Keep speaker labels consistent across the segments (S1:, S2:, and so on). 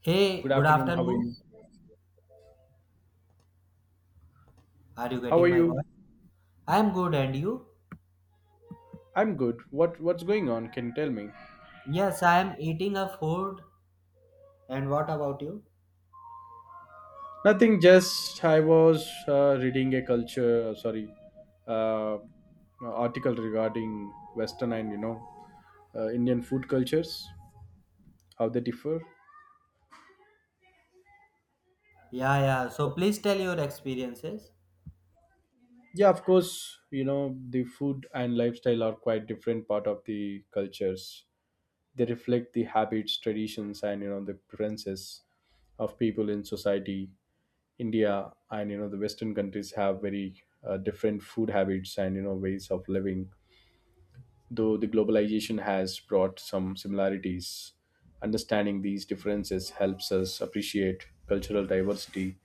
S1: Hey,
S2: Good
S1: good
S2: afternoon. How are
S1: afternoon.
S2: you?
S1: Are you
S2: How
S1: getting
S2: are
S1: my
S2: you?
S1: voice? I am good, and you?
S2: I'm good. What's going on? Can you tell me?
S1: Yes, I am eating a food. And what about you?
S2: Nothing. Just I was reading a culture. Sorry, uh, article regarding Western and Indian food cultures, how they differ.
S1: Yeah, yeah. So please tell your experiences.
S2: Yeah, of course. You know the food and lifestyle are quite different part of the cultures. They reflect the habits, traditions, and the preferences of people in society India and the Western countries have very different food habits and ways of living. Though the globalization has brought some similarities, understanding these differences helps us appreciate cultural diversity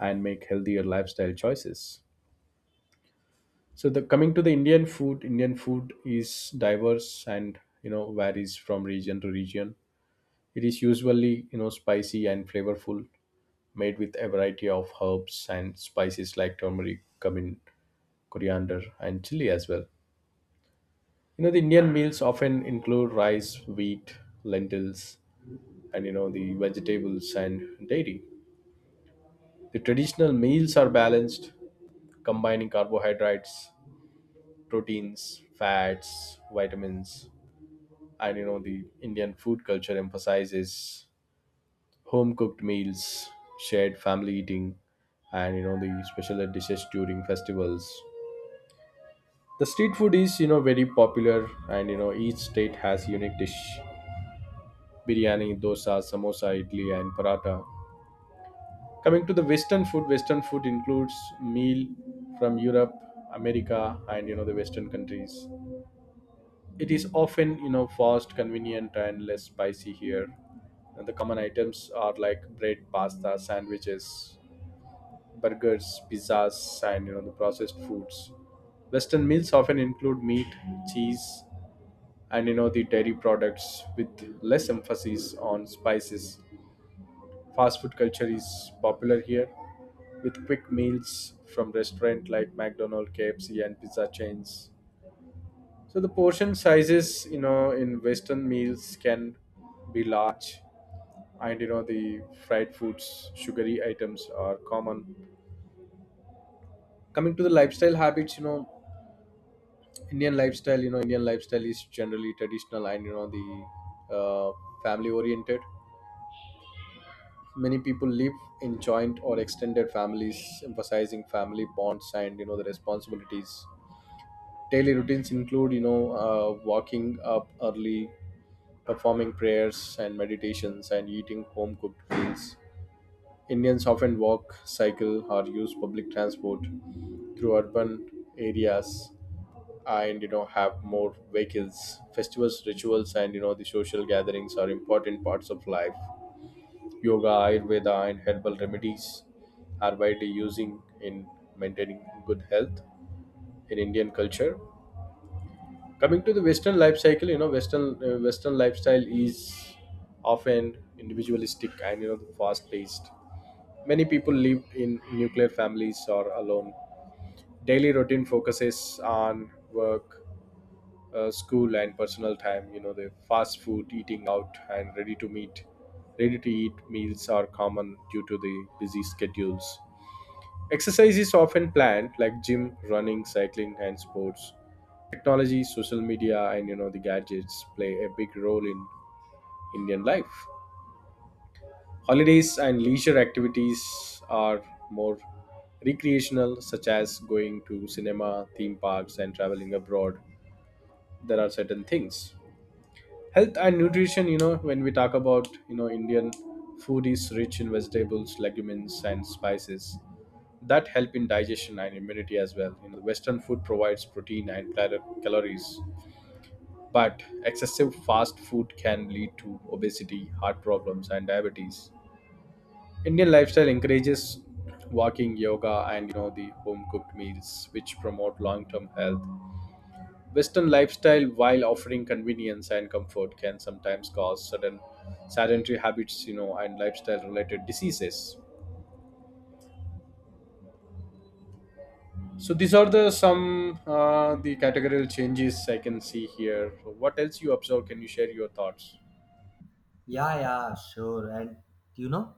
S2: and make healthier lifestyle choices. So the coming to the Indian food is diverse and varies from region to region. It is usually spicy and flavorful, made with a variety of herbs and spices like turmeric, cumin, coriander, and chili as well. The Indian meals often include rice, wheat, lentils, and the vegetables and dairy. The traditional meals are balanced, combining carbohydrates, proteins, fats, vitamins, and the Indian food culture emphasizes home cooked meals, shared family eating, and the special dishes during festivals. The street food is, very popular, and each state has unique dish biryani, dosa, samosa, idli, and paratha. Coming to the Western food includes meal from Europe, America, and the Western countries. It is often fast, convenient, and less spicy here. And the common items are like bread, pasta, sandwiches, burgers, pizzas, and the processed foods. Western meals often include meat, cheese, and the dairy products with less emphasis on spices. Fast food culture is popular here, with quick meals from restaurant like McDonald's, KFC, and pizza chains. So the portion sizes, in Western meals can be large, and the fried foods, sugary items are common. Coming to the lifestyle habits, Indian lifestyle is generally traditional and you know the family oriented. Many people live in joint or extended families emphasizing family bonds and the responsibilities. Daily routines include walking up early, performing prayers and meditations, and eating home cooked meals. Indians often walk, cycle, or use public transport through urban areas and have more vehicles. Festivals, rituals, and the social gatherings are important parts of life. Yoga, Ayurveda, and herbal remedies are widely using in maintaining good health in Indian culture. Coming to the Western life cycle, Western lifestyle is often individualistic and fast paced. Many people live in nuclear families or alone. Daily routine focuses on work, school, and personal time. The fast food, eating out, and ready to eat meals are common due to the busy schedules. Exercise is often planned, like gym, running, cycling, and sports. Technology, social media, and the gadgets play a big role in Indian life. Holidays and leisure activities are more recreational, such as going to cinema, theme parks, and traveling abroad. There are certain things. Health and nutrition, when we talk about, Indian food is rich in vegetables, legumes, and spices that help in digestion and immunity as well. You know, western food provides protein and calories, but excessive fast food can lead to obesity, heart problems, and diabetes. Indian lifestyle encourages walking, yoga, and the home cooked meals, which promote long term health. Western lifestyle, while offering convenience and comfort, can sometimes cause certain sedentary habits, and lifestyle related diseases. So these are the some the categorical changes I can see here. What else you observe? Can you share your thoughts?
S1: Yeah, sure. And you know,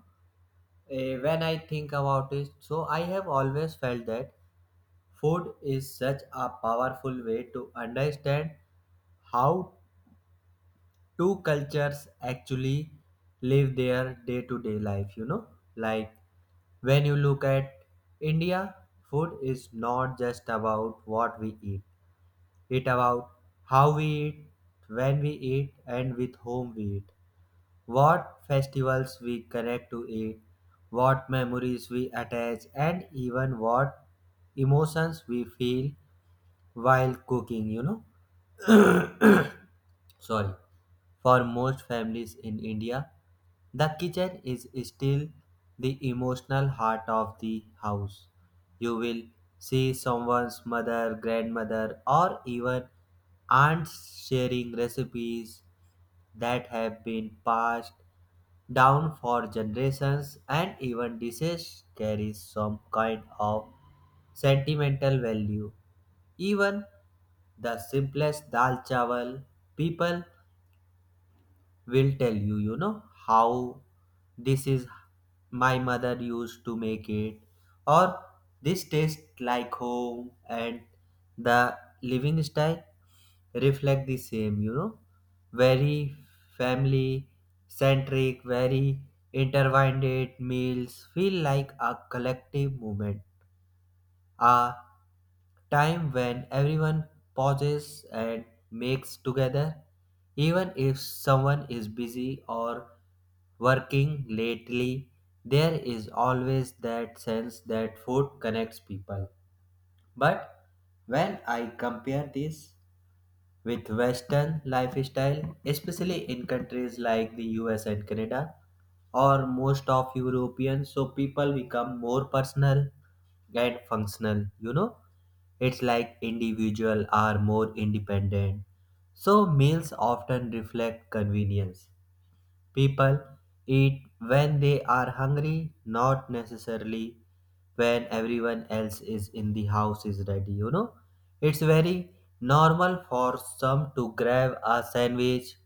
S1: eh, When I think about it, so I have always felt that food is such a powerful way to understand how two cultures actually live their day to day life, you know. Like when you look at India, food is not just about what we eat, it about how we eat, when we eat, and with whom we eat, what festivals we connect to it, what memories we attach, and even what emotions we feel while cooking, you know. Sorry. For most families in India, the kitchen is still the emotional heart of the house. You will see someone's mother, grandmother, or even aunts sharing recipes that have been passed down for generations, and even dishes carry some kind of sentimental value. Even the simplest dal chawal people will tell you, you know, how this is my mother used to make it, or this tastes like home. And the living style reflect the same, you know, very family centric, very intertwined. Meals feel like a collective moment, a time when everyone pauses and makes together, even if someone is busy or working lately, there is always that sense that food connects people. But when I compare this with Western lifestyle, especially in countries like the US and Canada or most of Europeans, so people become more personal and functional, you know. It's like individual are more independent. So meals often reflect convenience. People eat when they are hungry, not necessarily when everyone else is in the house is ready, you know. It's very normal for some to grab a sandwich,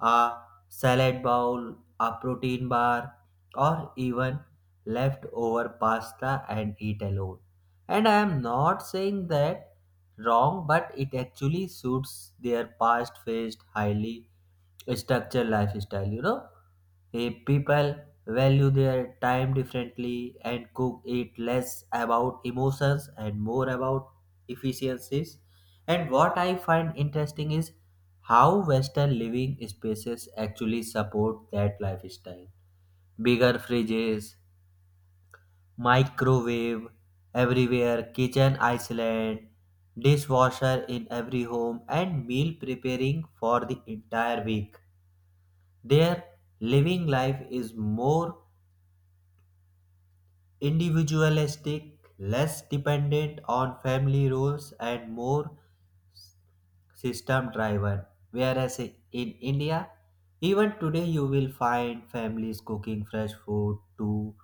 S1: a salad bowl, a protein bar, or even leftover pasta and eat alone. And I am not saying that wrong, but it actually suits their past phased highly structure lifestyle, you know. People value their time differently and cook it less about emotions and more about efficiencies. And what I find interesting is how western living spaces actually support that lifestyle: bigger fridges, microwave everywhere, kitchen island, dishwasher in every home, and meal preparing for the entire week. Their living life is more individualistic, less dependent on family roles, and more system driven. Whereas in India, even today, you will find families cooking fresh food two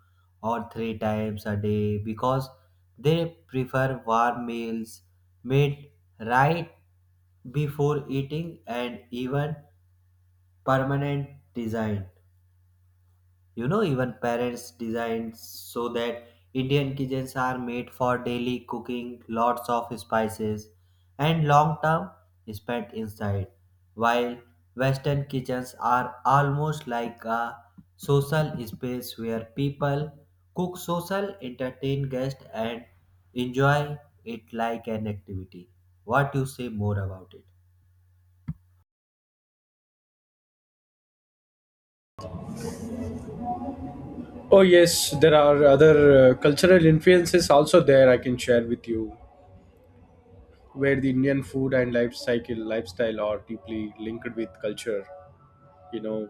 S1: or three times a day because they prefer warm meals made right before eating. And even permanent design, you know, even parents designed so that Indian kitchens are made for daily cooking, lots of spices, and long term spent inside, while Western kitchens are almost like a social space where people cook social, entertain guests, and enjoy it like an activity. What you say more about it?
S2: Oh yes, there are other cultural influences also there. I can share with you where the Indian food and lifestyle are deeply linked with culture, you know,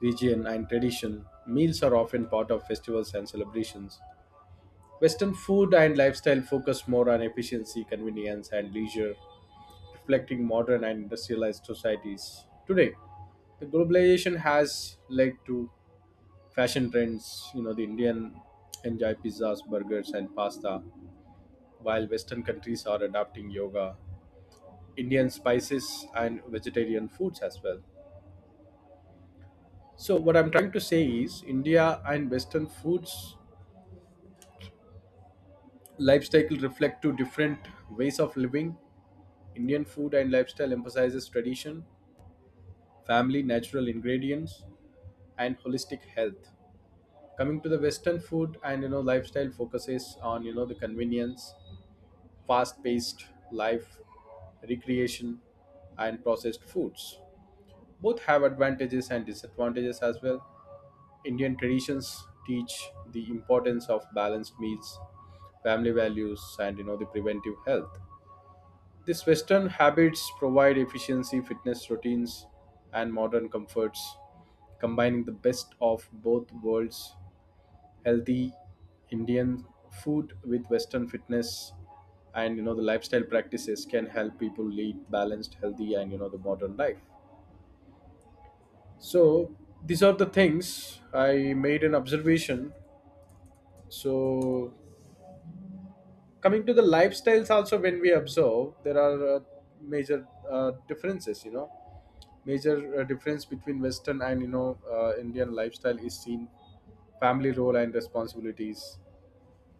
S2: region, and tradition. Meals are often part of festivals and celebrations. Western food and lifestyle focus more on efficiency, convenience, and leisure, reflecting modern and industrialized societies today. The globalization has led to fashion trends. The Indian enjoy pizzas, burgers, and pasta, while Western countries are adapting yoga, Indian spices, and vegetarian foods as well. So, what I'm trying to say is, India and Western foods lifestyle reflect two different ways of living. Indian food and lifestyle emphasizes tradition, family, natural ingredients, and holistic health. Coming to the western food and lifestyle focuses on the convenience, fast paced life, recreation, and processed foods. Both have advantages and disadvantages as well. Indian traditions teach the importance of balanced meals, family values, and the preventive health. These western habits provide efficiency, fitness routines, and modern comforts. Combining the best of both worlds, healthy Indian food with Western fitness and the lifestyle practices can help people lead balanced, healthy, and the modern life. So these are the things I made an observation. So coming to the lifestyles also, when we observe, there are major differences. Major difference between Western and Indian lifestyle is seen family role and responsibilities.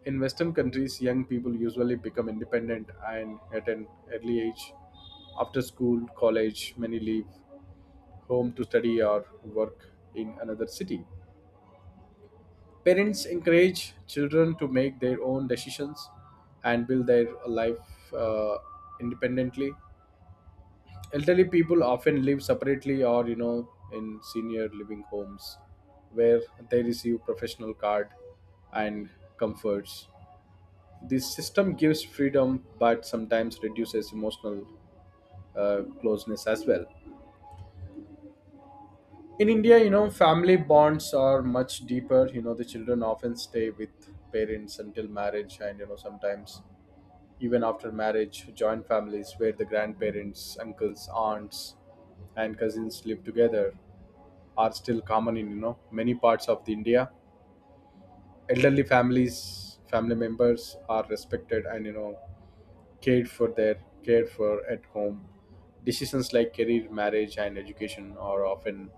S2: In Western countries, young people usually become independent and at an early age. After school, college, many leave home to study or work in another city. Parents encourage children to make their own decisions and build their life independently. Elderly people often live separately or, in senior living homes where they receive professional card and comforts. The system gives freedom, but sometimes reduces emotional closeness as well. In India, family bonds are much deeper. The children often stay with parents until marriage, and sometimes even after marriage, joint families where the grandparents, uncles, aunts, and cousins live together are still common in many parts of the India. Elderly families, family members are respected and cared for their cared for at home. Decisions like career, marriage, and education are often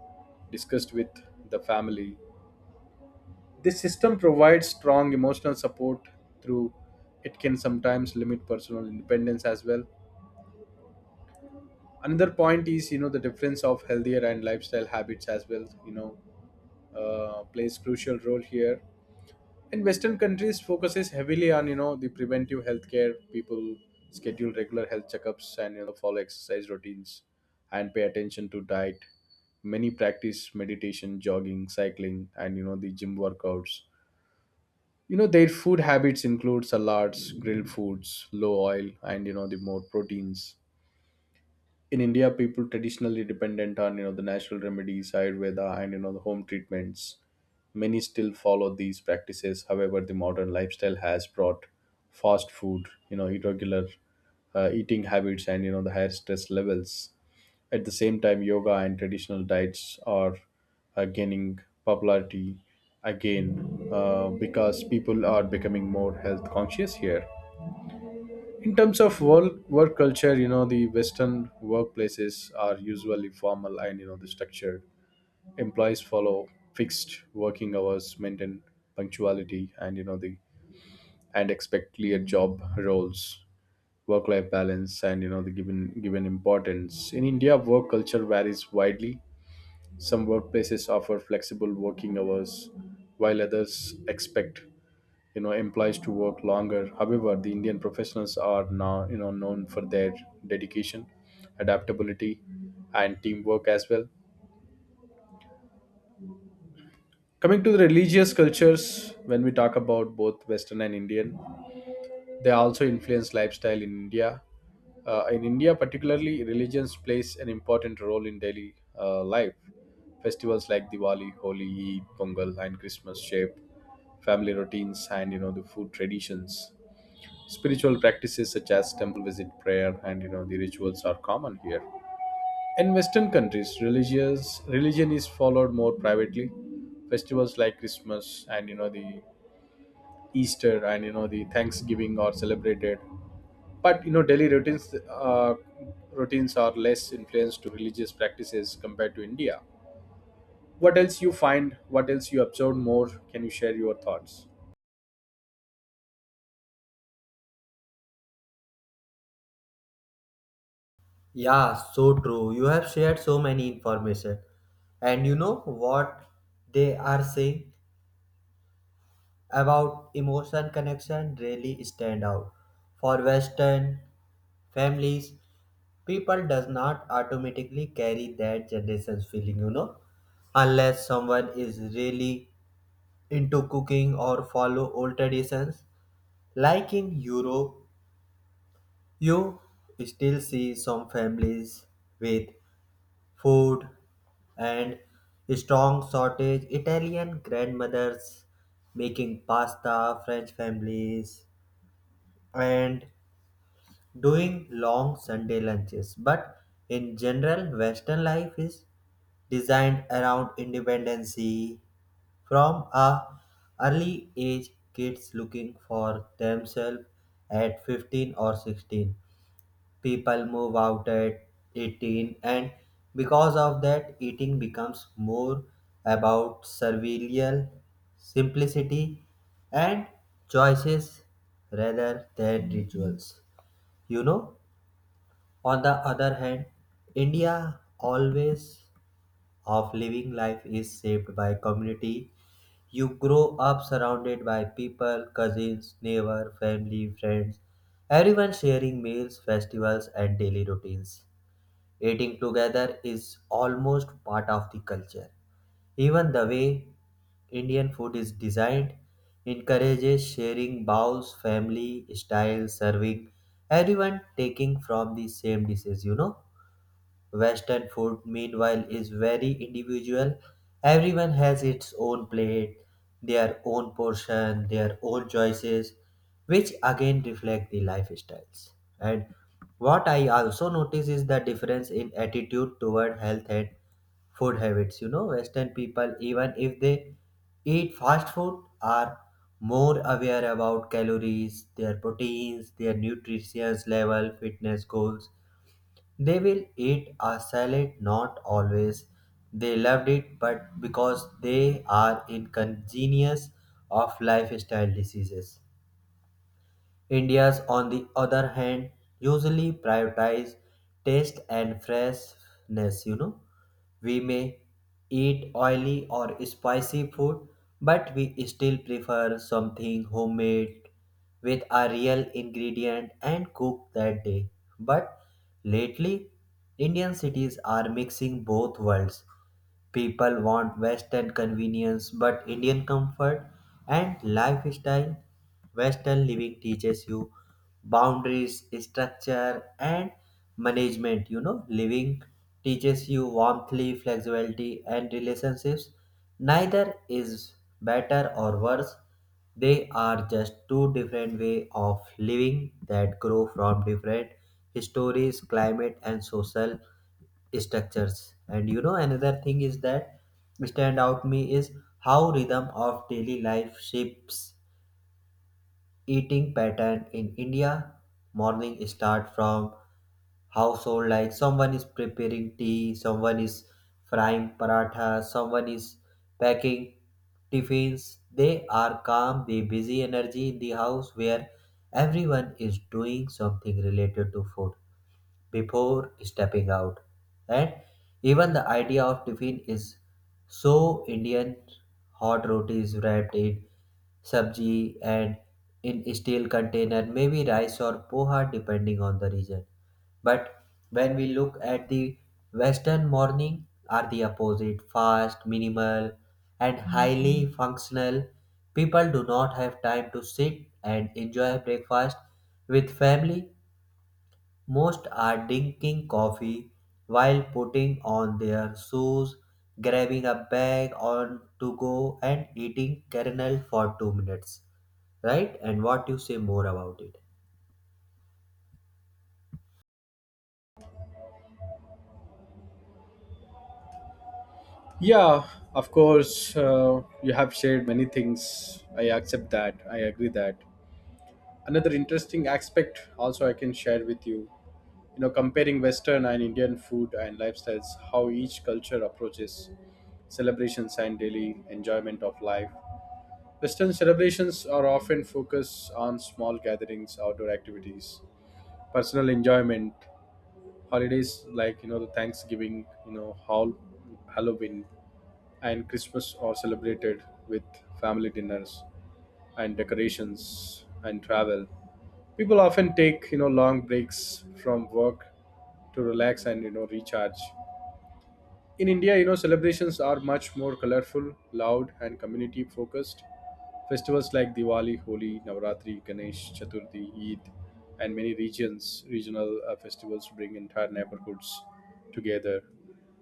S2: discussed with the family. This system provides strong emotional support through it can sometimes limit personal independence as well. Another point is the difference of healthier and lifestyle habits as well. Plays crucial role here in western countries focuses heavily on the preventive healthcare. People schedule regular health checkups and follow exercise routines and pay attention to diet. Many practice meditation, jogging, cycling, and the gym workouts. Their food habits include salads, grilled foods, low oil, and the more proteins. In India, people traditionally dependent on the natural remedies, Ayurveda, and the home treatments. Many still follow these practices. However, the modern lifestyle has brought fast food, irregular eating habits, and the higher stress levels. At the same time, yoga and traditional diets are gaining popularity again because people are becoming more health conscious here. In terms of work culture, the western workplaces are usually formal and the structured. Employees follow fixed working hours, maintain punctuality, and you know the and expect clear job roles. Work life balance and you know the given given importance. In india work culture varies widely. Some workplaces offer flexible working hours, while others expect employees to work longer. However, the indian professionals are now known for their dedication, adaptability, and teamwork as well. Coming to the religious cultures, when we talk about both western and indian, they also influence lifestyle in india. In india particularly, religions plays an important role in daily life. Festivals like diwali, holi, eid, pongal, and christmas shape family routines and the food traditions. Spiritual practices such as temple visit, prayer, and the rituals are common here. In Western countries, religious religion is followed more privately. Festivals like Christmas and you know the Easter and you know the Thanksgiving are celebrated, but daily routines are less influenced to religious practices compared to India. What else you find? What else you observe more? Can you share your thoughts?
S1: Yeah, so true. You have shared so many information. And you know what they are saying about emotion connection really stand out. For Western families, people does not automatically carry that generation's feeling, you know, unless someone is really into cooking or follow old traditions. Like in Europe, you still see some families with food and strong shortage, italian grandmothers making pasta, french families and doing long sunday lunches. But in general, western life is designed around independency. From a early age kids looking for themselves at 15 or 16, people move out at 18. And because of that eating becomes more about servile, simplicity, and choices rather than rituals, you know. On the other hand, india always of living life is shaped by community. You grow up surrounded by people, cousins, neighbor, family friends, everyone sharing meals, festivals, and daily routines. Eating together is almost part of the culture. Even the way Indian food is designed encourages sharing bowls, family style serving, everyone taking from the same dishes, you know. Western food, meanwhile, is very individual. Everyone has its own plate, their own portion, their own choices, which again reflect the lifestyles. And what I also notice is the difference in attitude toward health and food habits. You know, Western people, even if they eat fast food, are more aware about calories, their proteins, their nutrition level, fitness goals. They will eat a salad not always they loved it, but because they are inconvenience of lifestyle diseases. Indians, on the other hand, usually prioritize taste and freshness. You know, we may eat oily or spicy food, but we still prefer something homemade with a real ingredient and cooked that day. But lately, Indian cities are mixing both worlds. People want Western convenience, but Indian comfort and lifestyle. Western living teaches you boundaries, structure, and management. You know, living teaches you warmth, flexibility, and relationships. Neither is better or worse. They are just two different way of living that grow from different histories, climate, and social structures. And you know another thing is that stand out me is how rhythm of daily life shapes eating pattern. In india, morning start from household, like someone is preparing tea, someone is frying paratha, someone is packing tiffins. They are calm, they busy energy in the house where everyone is doing something related to food before stepping out. And even the idea of tiffin is so Indian: hot rotis wrapped in sabji and in steel container, maybe rice or poha depending on the region. But when we look at the Western morning are the opposite, fast, minimal, and highly functional. People do not have time to sit and enjoy breakfast with family. Most are drinking coffee while putting on their shoes, grabbing a bag on to go, and eating kernel for 2 minutes. Right? And what you say more about it?
S2: Yeah, of course, you have shared many things. I accept that. I agree that. Another interesting aspect, also, I can share with you. You know, comparing Western and Indian food and lifestyles, how each culture approaches celebrations and daily enjoyment of life. Western celebrations are often focused on small gatherings, outdoor activities, personal enjoyment, holidays like, the Thanksgiving, Halloween, and Christmas are celebrated with family dinners and decorations and travel. People often take long breaks from work to relax and recharge. In India, celebrations are much more colorful, loud, and community focused. Festivals like Diwali, Holi, Navratri, Ganesh, Chaturthi, Eid, and many regions regional festivals bring entire neighborhoods together,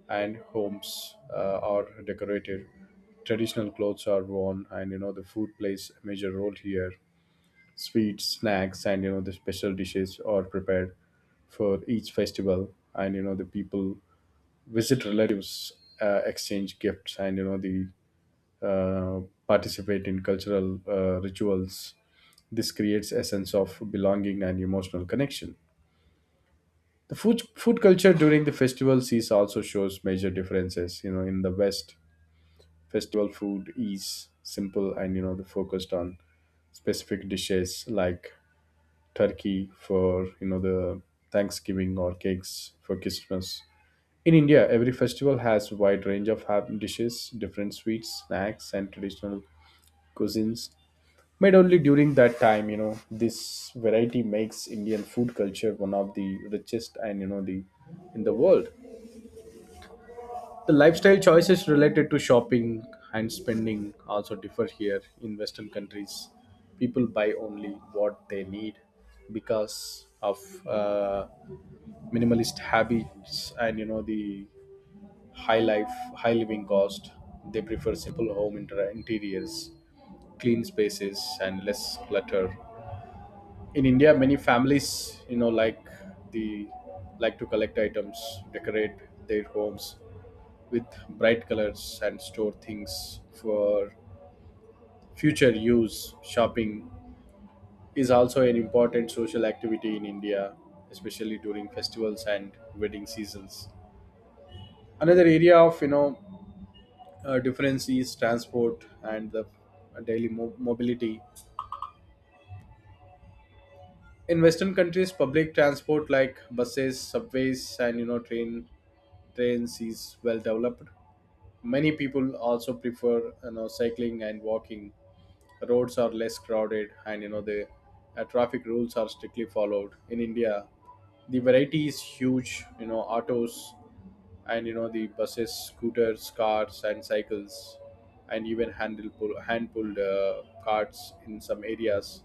S2: and homes are decorated. Traditional clothes are worn, and the food plays a major role here. Sweets, snacks, and the special dishes are prepared for each festival, and the people visit relatives, exchange gifts, and you know the uh, participate in cultural rituals. This creates a sense of belonging and emotional connection. The food culture during the festival season also shows major differences. You know, in the West, festival food is simple and the focused on specific dishes like turkey for the Thanksgiving or cakes for Christmas. In India, every festival has wide range of dishes, different sweets, snacks, and traditional cuisines made only during that time. This variety makes Indian food culture one of the richest and the in the world. The lifestyle choices related to shopping and spending also differ here. In western countries, people buy only what they need because of minimalist habits and the high life high living cost. They prefer simple home interiors, clean spaces, and less clutter. In India, many families you know like the like to collect items, decorate their homes with bright colors, and store things for future use. Shopping is also an important social activity in India, especially during festivals and wedding seasons. Another area of difference is transport and the daily mobility. In western countries, public transport like buses, subways, and trains is well developed. Many people also prefer cycling and walking. Roads are less crowded and you know the traffic rules are strictly followed. In India, the variety is huge. You know, autos and the buses, scooters, cars, and cycles, and even hand pulled carts in some areas.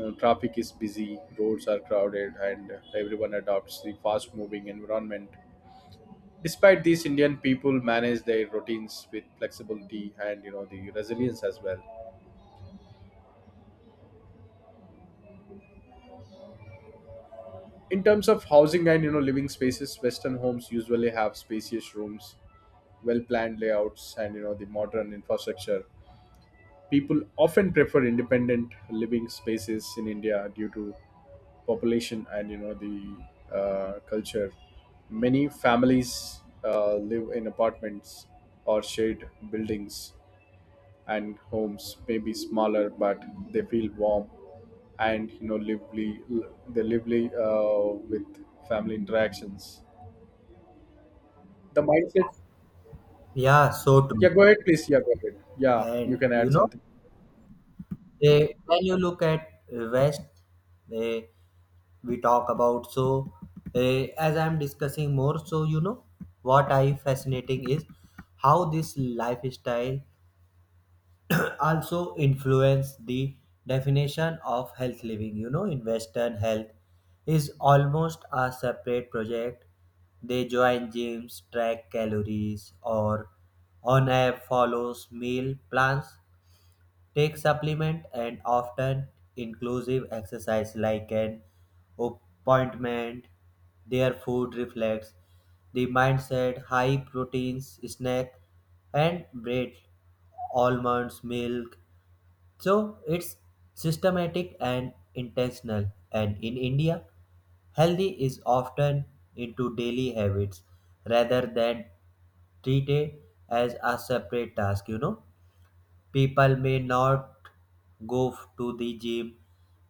S2: Traffic is busy, roads are crowded, and everyone adopts the fast moving environment. Despite this, Indian people manage their routines with flexibility and the resilience as well. In terms of housing and living spaces, Western homes usually have spacious rooms, well planned layouts, and the modern infrastructure. People often prefer independent living spaces. In India, due to population and you know the culture, many families live in apartments or shared buildings, and homes may be smaller, but they feel warm and lively. They lively uh, with family interactions, the mindset.
S1: Yeah, so true.
S2: Yeah, go ahead please. Yeah, go ahead. Yeah, you
S1: And
S2: can
S1: you
S2: add
S1: know,
S2: something.
S1: eh, When you look at West, eh, we talk about so, as I'm discussing more, so you know what I fascinating is how this lifestyle also influence the definition of health living. You know, in western, health is almost a separate project. They join gyms, track calories, or on app follows meal plans, take supplement, and often inclusive exercise like an appointment. Their food reflects the mindset: high proteins snack and bread, almonds milk. So it's systematic and intentional. And in India, healthy is often into daily habits rather than treated as a separate task, you know. People may not to the gym,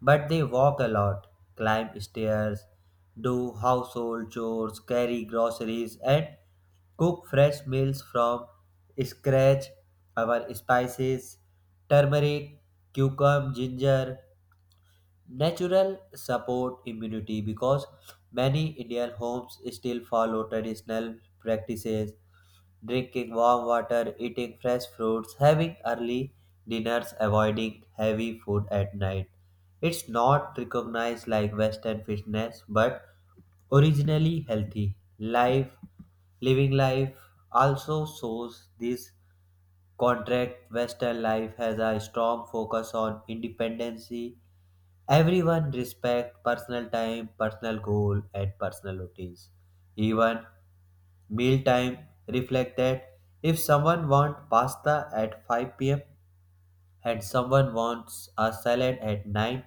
S1: but they walk a lot, climb stairs, do household chores, carry groceries, and cook fresh meals from scratch. Our spices, turmeric, cucumber, ginger, natural support immunity, because many Indian homes still follow traditional practices: drinking warm water, eating fresh fruits, having early dinners, avoiding heavy food at night. It's not recognized like Western fitness, but originally healthy. Life living life also shows this contract. Western life has a strong focus on independency. Everyone respect personal time, personal goal, and personal routines. Even mealtime, reflect that if someone wants pasta at 5 p.m. and someone wants a salad at 9,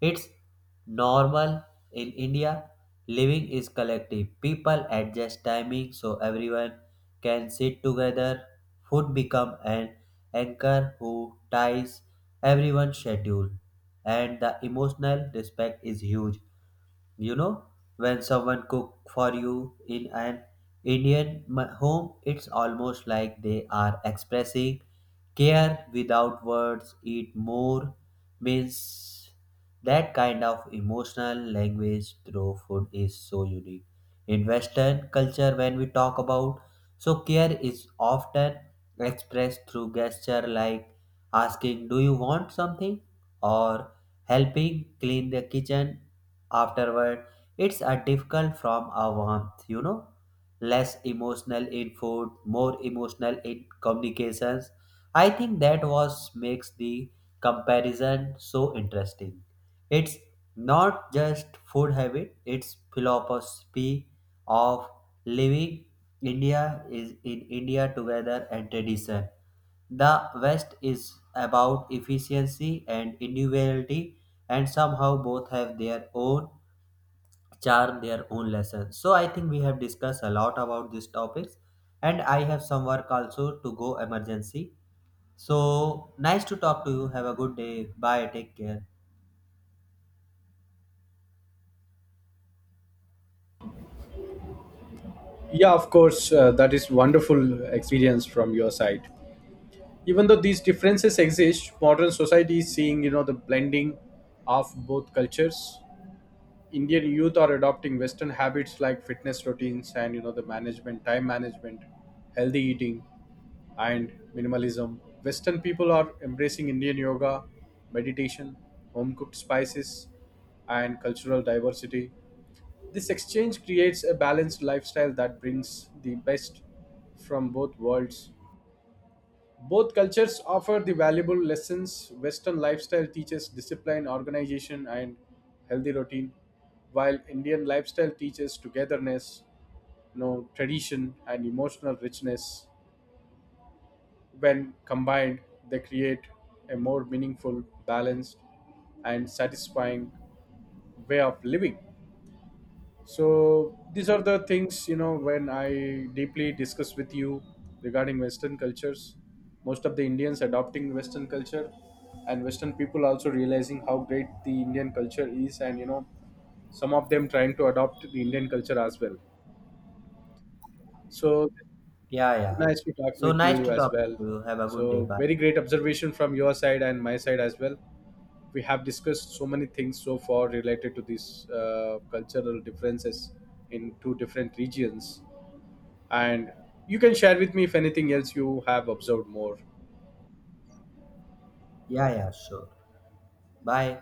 S1: it's normal. In India, living is collective. People adjust timing so everyone can sit together. Food become an anchor who ties everyone's schedule. And the emotional respect is huge, you know. When someone cook for you in an home, it's almost like they are expressing care without words. Eat more means that kind of emotional language through food is so unique. In western culture, when we talk about, so care is often expressed through gesture, like asking do you want something, or helping clean the kitchen afterward. It's a difficult from a warmth, you know, less emotional in food, more emotional in communications. I think that was makes the comparison so interesting. It's not just food habit, it's philosophy of living. India is in india together and tradition. The West is about efficiency and individuality, and somehow both have their own charm, their own lesson. So I think we have discussed a lot about these topics, and I have some work also to go emergency. So nice to talk to you. Have a good day. Bye. Take care.
S2: Yeah, of course, that is wonderful experience from your side. Even though these differences exist, modern society is seeing the blending of both cultures. Indian youth are adopting western habits like fitness routines and you know the management time management, healthy eating, and minimalism. Western people are embracing Indian yoga, meditation, home cooked spices, and cultural diversity. This exchange creates a balanced lifestyle that brings the best from both worlds. Both cultures offer the valuable lessons. Western lifestyle teaches discipline, organization, and healthy routine, while Indian lifestyle teaches togetherness, you know, tradition, and emotional richness. When combined, they create a more meaningful, balanced, and satisfying way of living. So these are the things, you know, when I deeply discuss with you regarding Western cultures. Most of the Indians adopting Western culture, and Western people also realizing how great the Indian culture is, and you know some of them trying to adopt the Indian culture as well. So
S1: Yeah, yeah.
S2: nice to talk
S1: So
S2: with
S1: nice
S2: you
S1: to
S2: as
S1: talk
S2: well.
S1: to you. Have a good day.
S2: So
S1: Bye.
S2: very great observation from your side and my side as well. We have discussed so many things so far related to these cultural differences in two different regions, and you can share with me if anything else you have observed more.
S1: Yeah, yeah. Sure. Bye.